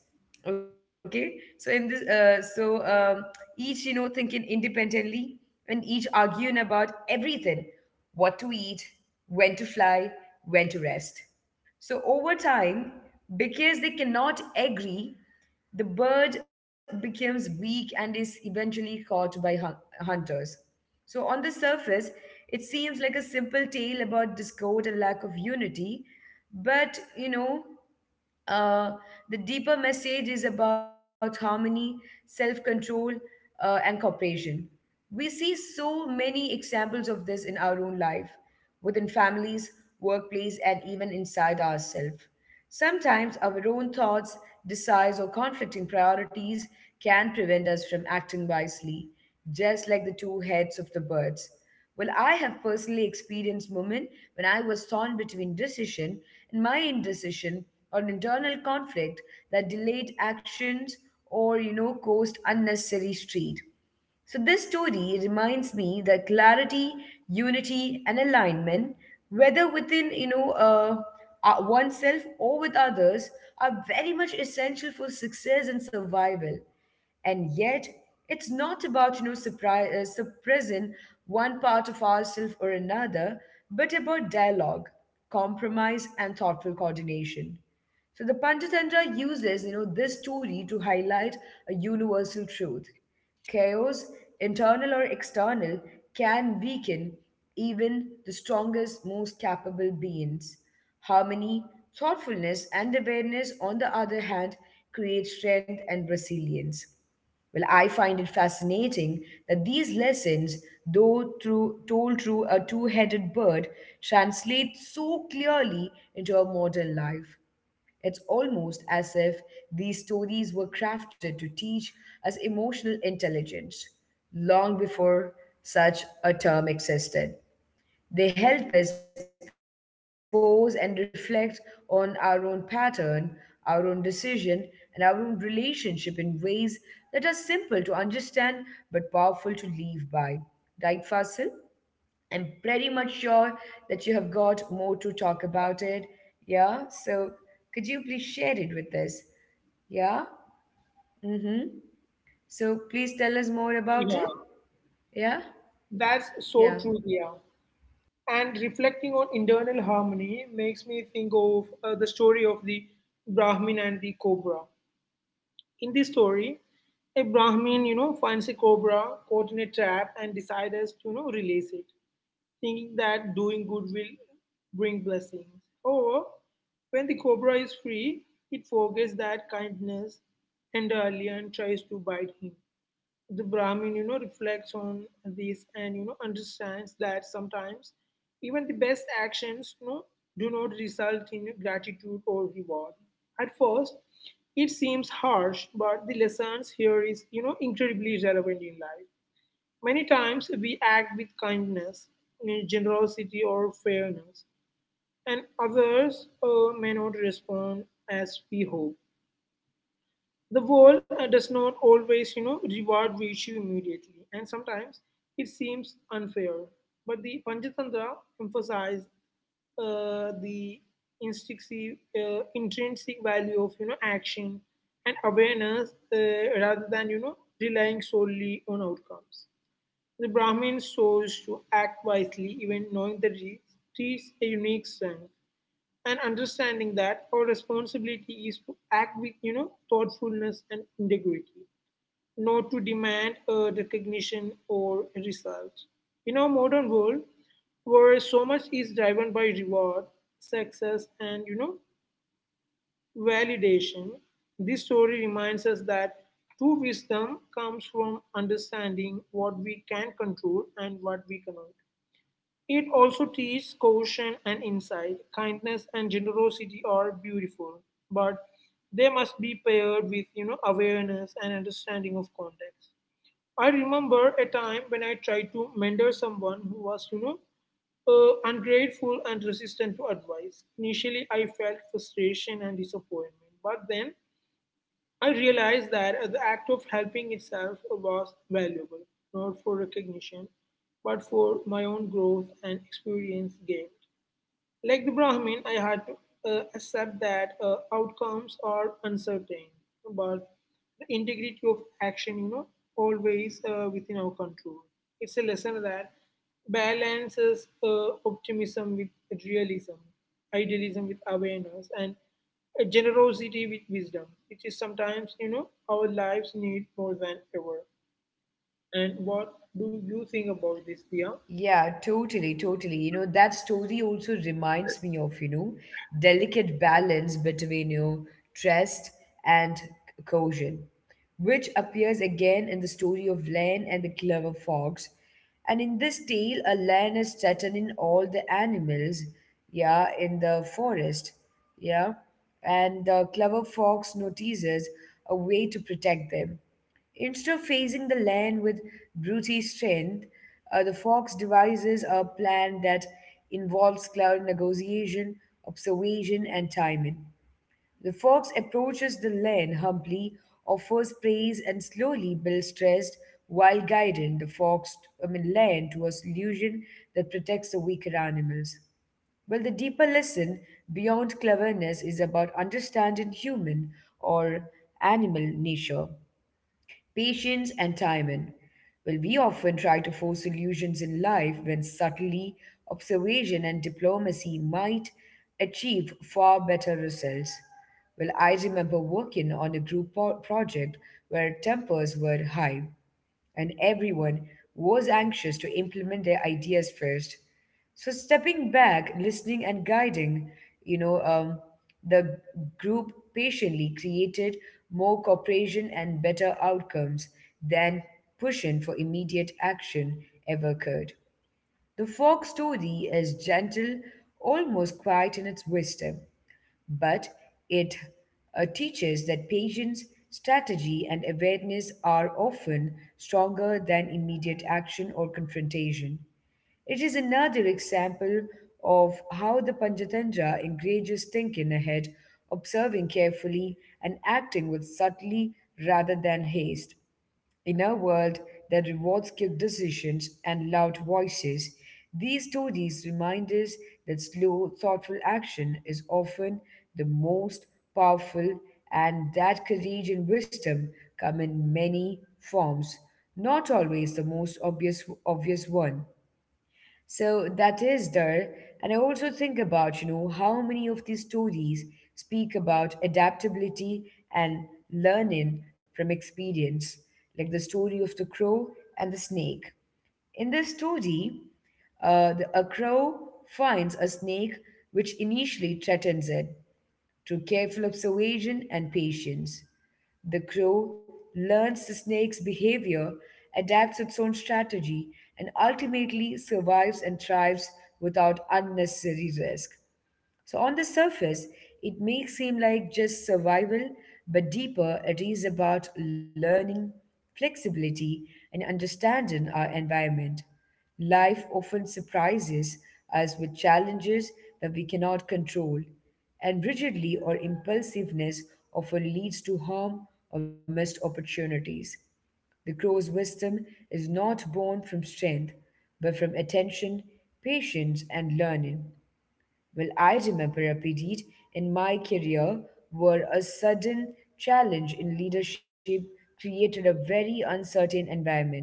Speaker 1: Okay. So, each, you know, thinking independently and each arguing about everything what to eat, when to fly, when to rest so over time, because they cannot agree, the bird becomes weak and is eventually caught by hunters. So on the surface, it seems like a simple tale about discord and lack of unity, but. Uh, the deeper message is about harmony, self control, and cooperation. We see so many examples of this in our own life, within families, workplace, and even inside ourselves. Sometimes our own thoughts, desires, or conflicting priorities can prevent us from acting wisely, just like the two heads of the birds. Well, I have personally experienced moments when I was torn between decision and my indecision or an internal conflict that delayed actions or caused unnecessary street. So, this story reminds me that clarity, unity, and alignment, whether within oneself or with others, are very much essential for success and survival, and yet it's not about suppressing one part of ourself or another, but about dialogue, compromise, and thoughtful coordination. So the Panchatantra uses this story to highlight a universal truth. Chaos, internal or external, can weaken even the strongest, most capable beings. Harmony, thoughtfulness, and awareness, on the other hand, create strength and resilience. Well, I find it fascinating that these lessons, though told through a two headed bird, translate so clearly into our modern life. It's almost as if these stories were crafted to teach us emotional intelligence long before such a term existed. They help us pause and reflect on our own pattern, our own decision, and our own relationship in ways that are simple to understand but powerful to live by. Right, Fasil? I'm pretty much sure that you have got more to talk about it. Yeah, so could you please share it with us? Yeah. Mm-hmm. So please tell us more
Speaker 2: yeah.
Speaker 1: about it. Yeah.
Speaker 2: That's so
Speaker 1: Yeah.
Speaker 2: true, yeah. And reflecting on internal harmony makes me think of the story of the Brahmin and the cobra. In this story, a Brahmin, finds a cobra caught in a trap and decides to, release it, thinking that doing good will bring blessings. However, when the cobra is free, it forgets that kindness entirely and tries to bite him. The Brahmin, reflects on this and understands that sometimes even the best actions, do not result in gratitude or reward. At first, it seems harsh, but the lessons here is incredibly relevant in life. Many times we act with kindness, generosity, or fairness, and others may not respond as we hope. The world does not always reward virtue immediately, and sometimes it seems unfair, but the Panchatantra emphasized the instinctive intrinsic value of action and awareness, rather than relying solely on outcomes. The Brahmin chose to act wisely even knowing that it is a unique strength, and understanding that our responsibility is to act with thoughtfulness and integrity, not to demand a recognition or a result. In our modern world, where so much is driven by reward, success, and validation, this story reminds us that true wisdom comes from understanding what we can control and what we cannot. It also teaches caution and insight. Kindness and generosity are beautiful, but they must be paired with awareness and understanding of context. I remember a time when I tried to mentor someone who was ungrateful and resistant to advice. Initially, I felt frustration and disappointment, but then I realized that the act of helping itself was valuable, not for recognition, but for my own growth and experience gained. Like the Brahmin, I had to accept that outcomes are uncertain, but the integrity of action, always within our control. It's a lesson that balances optimism with realism, idealism with awareness, and generosity with wisdom, which is sometimes, our lives need more than ever. And what do you think about this, Dia?
Speaker 1: Yeah, totally, totally. That story also reminds me of delicate balance between trust and coercion, which appears again in the story of Lan and the clever fox. And in this tale, a lion is threatening all the animals, yeah, in the forest, yeah. And the clever fox notices a way to protect them. Instead of facing the land with brute strength, the fox devises a plan that involves cloud negotiation, observation, and timing. The fox approaches the land humbly, offers praise, and slowly builds trust while guiding the fox, I mean, land to a solution that protects the weaker animals. Well, the deeper lesson beyond cleverness is about understanding human or animal nature, patience, and timing. Well, we often try to force solutions in life when subtly observation and diplomacy might achieve far better results. Well, I remember working on a group project where tempers were high and everyone was anxious to implement their ideas first. So stepping back, listening, and guiding, you know, um, the group patiently created more cooperation and better outcomes than pushing for immediate action ever could. The folk story is gentle, almost quiet in its wisdom, but it teaches that patience, strategy, and awareness are often stronger than immediate action or confrontation. It is another example of how the Panchatantra encourages thinking ahead, observing carefully, and acting with subtlety rather than haste. In a world that rewards quick decisions and loud voices, these stories remind us that slow, thoughtful action is often the most powerful, and that courage and wisdom come in many forms, not always the most obvious one. So that is there. And I also think about, you know, how many of these stories speak about adaptability and learning from experience, like the story of the crow and the snake. In this story, a crow finds a snake which initially threatens it. Through careful observation and patience, the crow learns the snake's behavior, adapts its own strategy, and ultimately survives and thrives without unnecessary risk. So, on the surface, it may seem like just survival, but deeper, it is about learning, flexibility, and understanding our environment. Life often surprises us with challenges that we cannot control, and rigidity or impulsiveness often leads to harm or missed opportunities. The crow's wisdom is not born from strength, but from attention, patience, and learning. Well, I remember a period in my career where a sudden challenge in leadership created a very uncertain environment.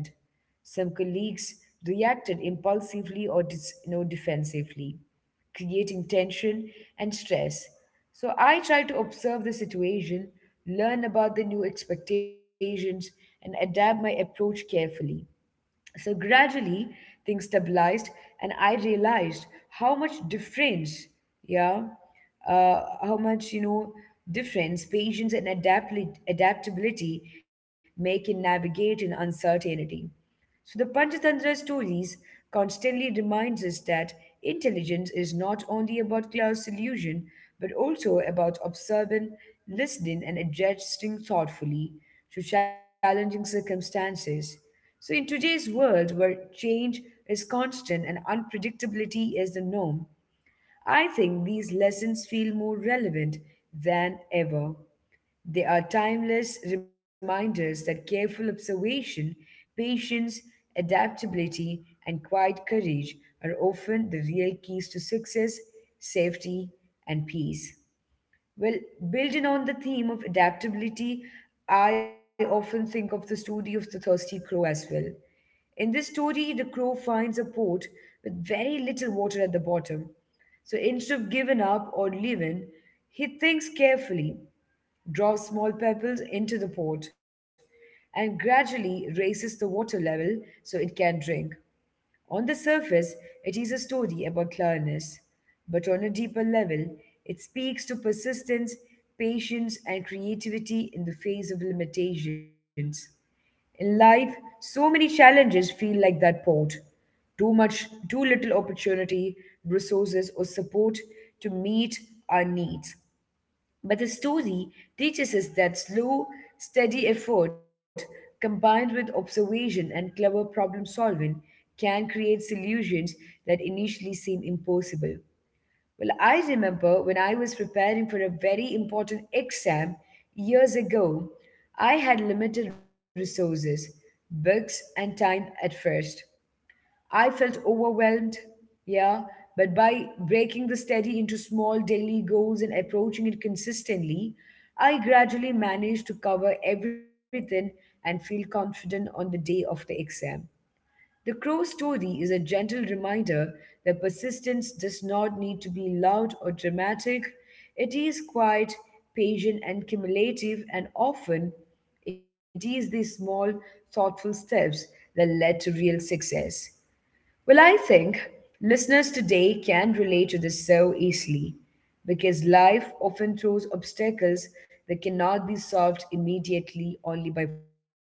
Speaker 1: Some colleagues reacted impulsively or you know, defensively, creating tension and stress. So I tried to observe the situation, learn about the new expectations, and adapt my approach carefully. So gradually things stabilized and I realized how much difference, yeah, how much, you know, difference patience and adaptability make in navigating uncertainty. So the Panchatantra stories constantly reminds us that intelligence is not only about clear solution, but also about observing, listening, and adjusting thoughtfully to challenging circumstances. So in today's world where change is constant and unpredictability is the norm, I think these lessons feel more relevant than ever. They are timeless reminders that careful observation, patience, adaptability, and quiet courage are often the real keys to success, safety, and peace. Well, building on the theme of adaptability, I often think of the story of the thirsty crow as well. In this story, the crow finds a pot with very little water at the bottom. So instead of giving up or leaving, he thinks carefully, drop small pebbles into the pot, and gradually raises the water level so it can drink. On the surface, it is a story about clearness, but on a deeper level, it speaks to persistence, patience, and creativity in the face of limitations. In life, so many challenges feel like that pot. Too much, too little opportunity, resources, or support to meet our needs. But the story teaches us that slow, steady effort combined with observation and clever problem solving can create solutions that initially seem impossible. Well, I remember when I was preparing for a very important exam years ago, I had limited resources, books, and time at first. I felt overwhelmed, yeah, but by breaking the study into small daily goals and approaching it consistently, I gradually managed to cover everything and feel confident on the day of the exam. The crow story is a gentle reminder that persistence does not need to be loud or dramatic. It is quiet, patient, and cumulative, and often it is these small, thoughtful steps that led to real success. Well, I think listeners today can relate to this so easily because life often throws obstacles that cannot be solved immediately only by force.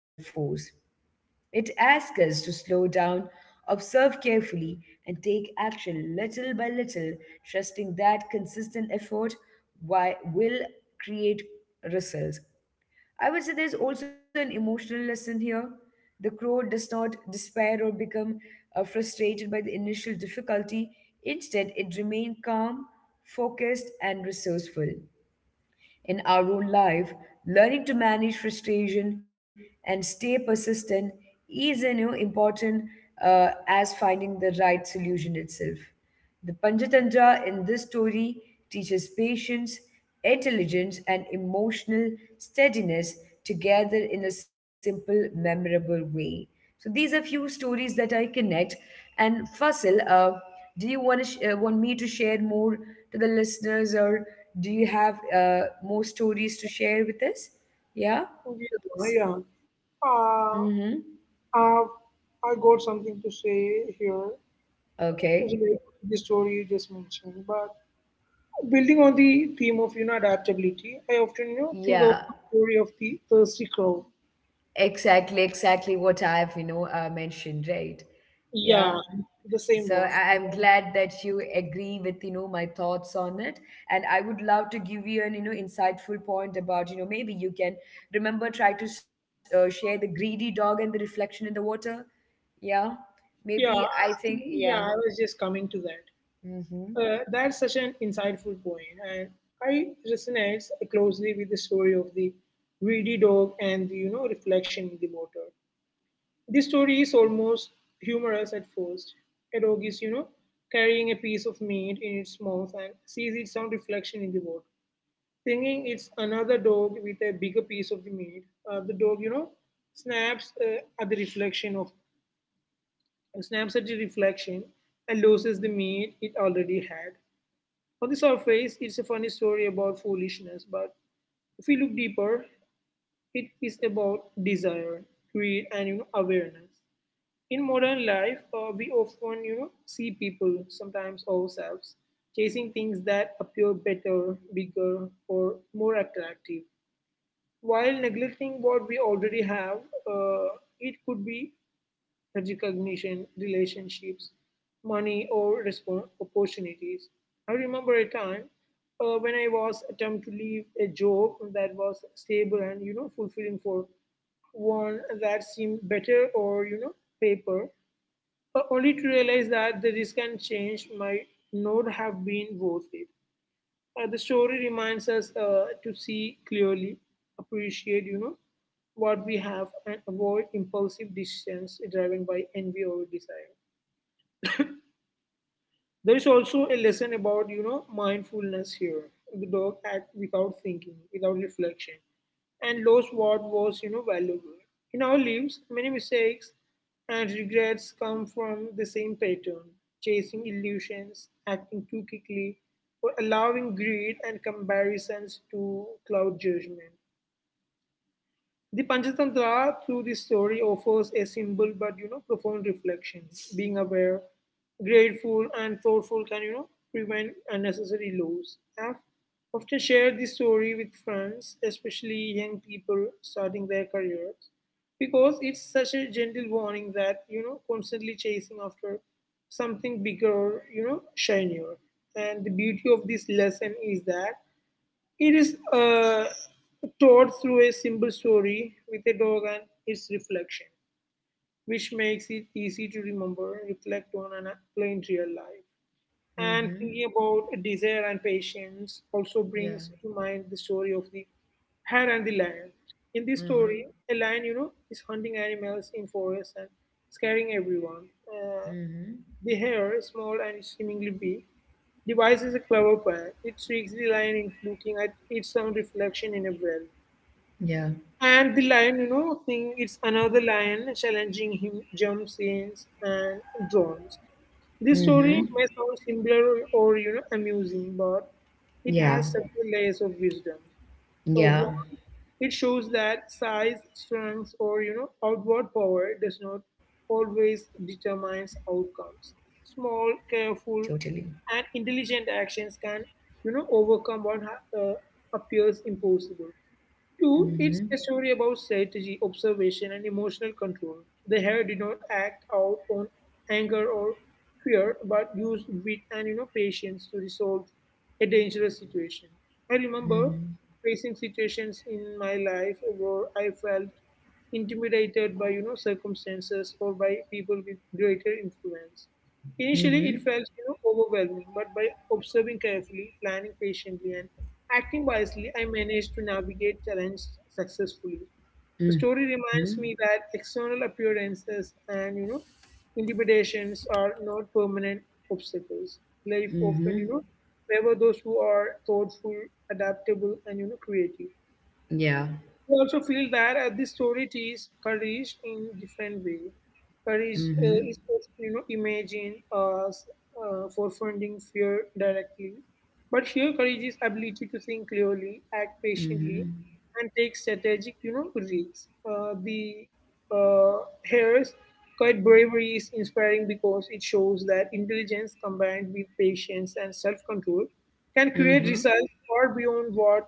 Speaker 1: It asks us to slow down, observe carefully, and take action little by little, trusting that consistent effort will create results. I would say there's also an emotional lesson here. The crow does not despair or become frustrated by the initial difficulty. Instead, it remained calm, focused, and resourceful. In our own life, learning to manage frustration and stay persistent is, you know, important as finding the right solution itself. The Panchatantra in this story teaches patience, intelligence, and emotional steadiness together in a simple, memorable way. So these are few stories that I connect. And Fasil, do you want to want me to share more to the listeners, or do you have more stories to share with us? Yeah.
Speaker 2: Oh, yeah,
Speaker 1: So,
Speaker 2: yeah.
Speaker 1: mm-hmm.
Speaker 2: Have I got something to say here related
Speaker 1: Okay.
Speaker 2: to the story you just mentioned. But building on the theme of adaptability, I often think of the
Speaker 1: Yeah.
Speaker 2: story of the thirsty crow.
Speaker 1: Exactly, exactly what I've, you know, mentioned, right?
Speaker 2: Yeah,
Speaker 1: Yeah.
Speaker 2: the same
Speaker 1: So
Speaker 2: one.
Speaker 1: I'm glad that you agree with, you know, my thoughts on it. And I would love to give you an, you know, insightful point about, you know, maybe you can remember, try to share the greedy dog and the reflection in the water. Yeah. Maybe
Speaker 2: Yeah,
Speaker 1: I think, yeah.
Speaker 2: yeah. I was just coming to that.
Speaker 1: Mm-hmm.
Speaker 2: That's such an insightful point, and I resonates closely with the story of the greedy dog and the reflection in the water. The story is almost humorous at first. A dog is, carrying a piece of meat in its mouth and sees its own reflection in the water. Thinking it's another dog with a bigger piece of the meat, the dog, snaps at the reflection of snaps at the reflection and loses the meat it already had. On the surface, it's a funny story about foolishness, but if we look deeper, it is about desire, greed, and awareness. In modern life, we often, see people, sometimes ourselves, chasing things that appear better, bigger, or more attractive, while neglecting what we already have. Uh, it could be recognition, relationships, money, or respon opportunities. I remember a time when I was attempt to leave a job that was stable and fulfilling for one that seemed better or paper, only to realize that the risk and change might not have been worth it. The story reminds us to see clearly, appreciate, what we have, and avoid impulsive decisions driven by envy or desire. There is also a lesson about, mindfulness here. The dog act without thinking, without reflection, and lost what was, valuable. In our lives, many mistakes and regrets come from the same pattern: chasing illusions, acting too quickly, or allowing greed and comparisons to cloud judgment. The Panchatantra, through this story, offers a simple but profound reflection. Being aware, grateful, and thoughtful can prevent unnecessary loss. I've often shared this story with friends, especially young people starting their careers, because it's such a gentle warning that constantly chasing after something bigger, shinier. And the beauty of this lesson is that it is told through a simple story with a dog and its reflection, which makes it easy to remember, reflect on, and apply in real life. And thinking
Speaker 1: Mm-hmm.
Speaker 2: about desire and patience also
Speaker 1: Yeah.
Speaker 2: brings to mind the story of the hare and the lion. In this
Speaker 1: Mm-hmm.
Speaker 2: story, a lion, is hunting animals in forest and scaring everyone. Uh,
Speaker 1: Mm-hmm.
Speaker 2: the hare, small and seemingly big, devises a clever plan. It tricks the lion into looking at its own reflection in a well.
Speaker 1: Yeah.
Speaker 2: And the lion, thinks it's another lion challenging him, jumps in and drowns. This story
Speaker 1: Mm-hmm.
Speaker 2: may sound simple or amusing, but it
Speaker 1: Yeah.
Speaker 2: has several layers of wisdom.
Speaker 1: Yeah.
Speaker 2: One, it shows that size, strength, or outward power does not always determines outcomes. Small,
Speaker 1: Totally.
Speaker 2: careful, and intelligent actions can overcome what appears impossible. Two, it's
Speaker 1: Mm-hmm.
Speaker 2: a story about strategy, observation, and emotional control. The hare did not act out on anger or fear, but used wit and patience to resolve a dangerous situation. I remember
Speaker 1: Mhm.
Speaker 2: facing situations in my life where I felt intimidated by circumstances or by people with greater influence. Initially,
Speaker 1: Mhm.
Speaker 2: it felt overwhelming, but by observing carefully, planning patiently, and acting wisely, I managed to navigate challenge successfully. The story
Speaker 1: Mhm.
Speaker 2: reminds me that external appearances and intimidations are not permanent obstacles. Life often
Speaker 1: Mhm.
Speaker 2: favor those who are thoughtful, adaptable, and creative.
Speaker 1: Yeah.
Speaker 2: I also feel that this story teaches courage in different way. Courage
Speaker 1: Mhm.
Speaker 2: is often, imagine as forefronting fear directly, but here courage is ability to think clearly, act patiently,
Speaker 1: Mhm.
Speaker 2: and take strategic risks. The uh, Harris Quiet bravery is inspiring because it shows that intelligence combined with patience and self-control can create
Speaker 1: Mhm.
Speaker 2: results far beyond what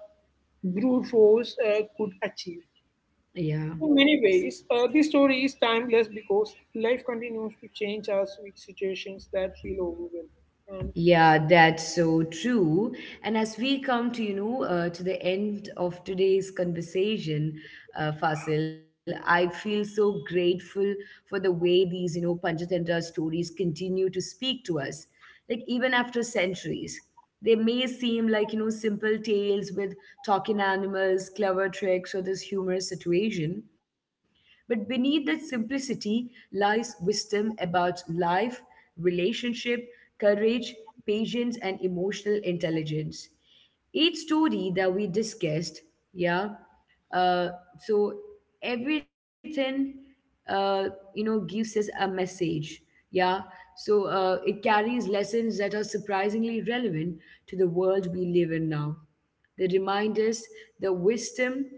Speaker 2: brute force could achieve.
Speaker 1: Yeah.
Speaker 2: In many ways, this story is timeless because life continues to change us with situations that feel overwhelming. And
Speaker 1: Yeah, that's so true. And as we come to, you know, to the end of today's conversation, Fasil, I feel so grateful for the way these, you know, Panchatantra stories continue to speak to us. Like even after centuries, they may seem like, you know, simple tales with talking animals, clever tricks, or this humorous situation. But beneath that simplicity lies wisdom about life, relationship, courage, patience, and emotional intelligence. Each story that we discussed, yeah, uh, so everything, uh, you know, gives us a message, yeah. So it carries lessons that are surprisingly relevant to the world we live in now. They remind us that wisdom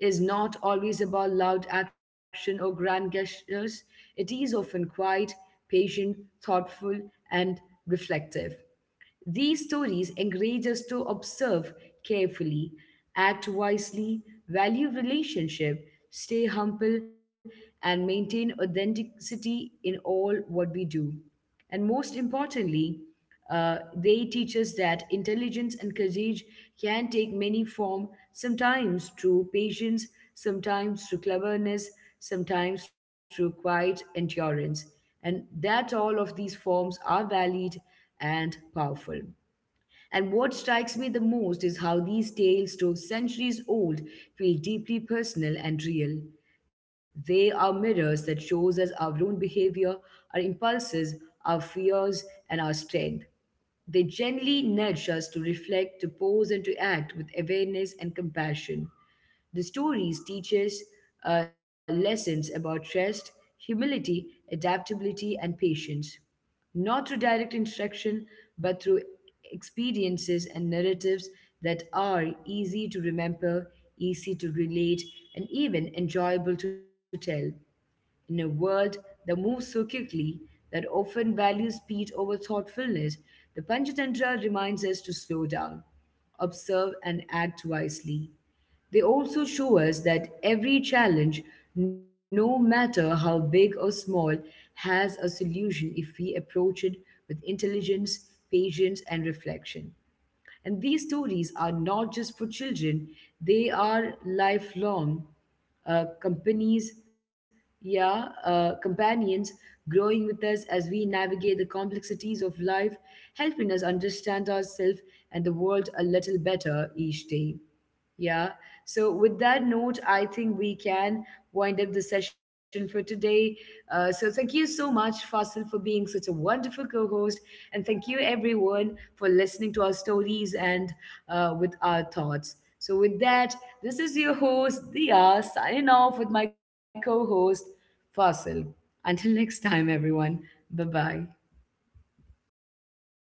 Speaker 1: is not always about loud action or grand gestures. It is often quiet, patient, thoughtful, and reflective. These stories encourage us to observe carefully, act wisely, value relationship, stay humble, and maintain authenticity in all what we do. And most importantly, they teach us that intelligence and courage can take many forms, sometimes through patience, sometimes through cleverness, sometimes through quiet endurance. And that all of these forms are valid and powerful. And what strikes me the most is how these tales, though centuries old, feel deeply personal and real. They are mirrors that shows us our own behavior, our impulses, our fears, and our strength. They gently nudge us to reflect, to pause, and to act with awareness and compassion. The stories teach us lessons about rest, humility, adaptability, and patience, not through direct instruction, but through experiences and narratives that are easy to remember, easy to relate, and even enjoyable to tell. In a world that moves so quickly, that often values speed over thoughtfulness, the Panchatantra reminds us to slow down, observe, and act wisely. They also show us that every challenge, no matter how big or small, has a solution if we approach it with intelligence, patience, and reflection. And these stories are not just for children, they are lifelong uh, companies, yeah, companions growing with us as we navigate the complexities of life, helping us understand ourselves and the world a little better each day. Yeah. So, with that note, I think we can wind up the session for today. So, thank you so much, Fasil, for being such a wonderful co host. And thank you, everyone, for listening to our stories and with our thoughts. So, with that, this is your host, Dia, signing off with my co host, Fasil. Until next time, everyone. Bye bye.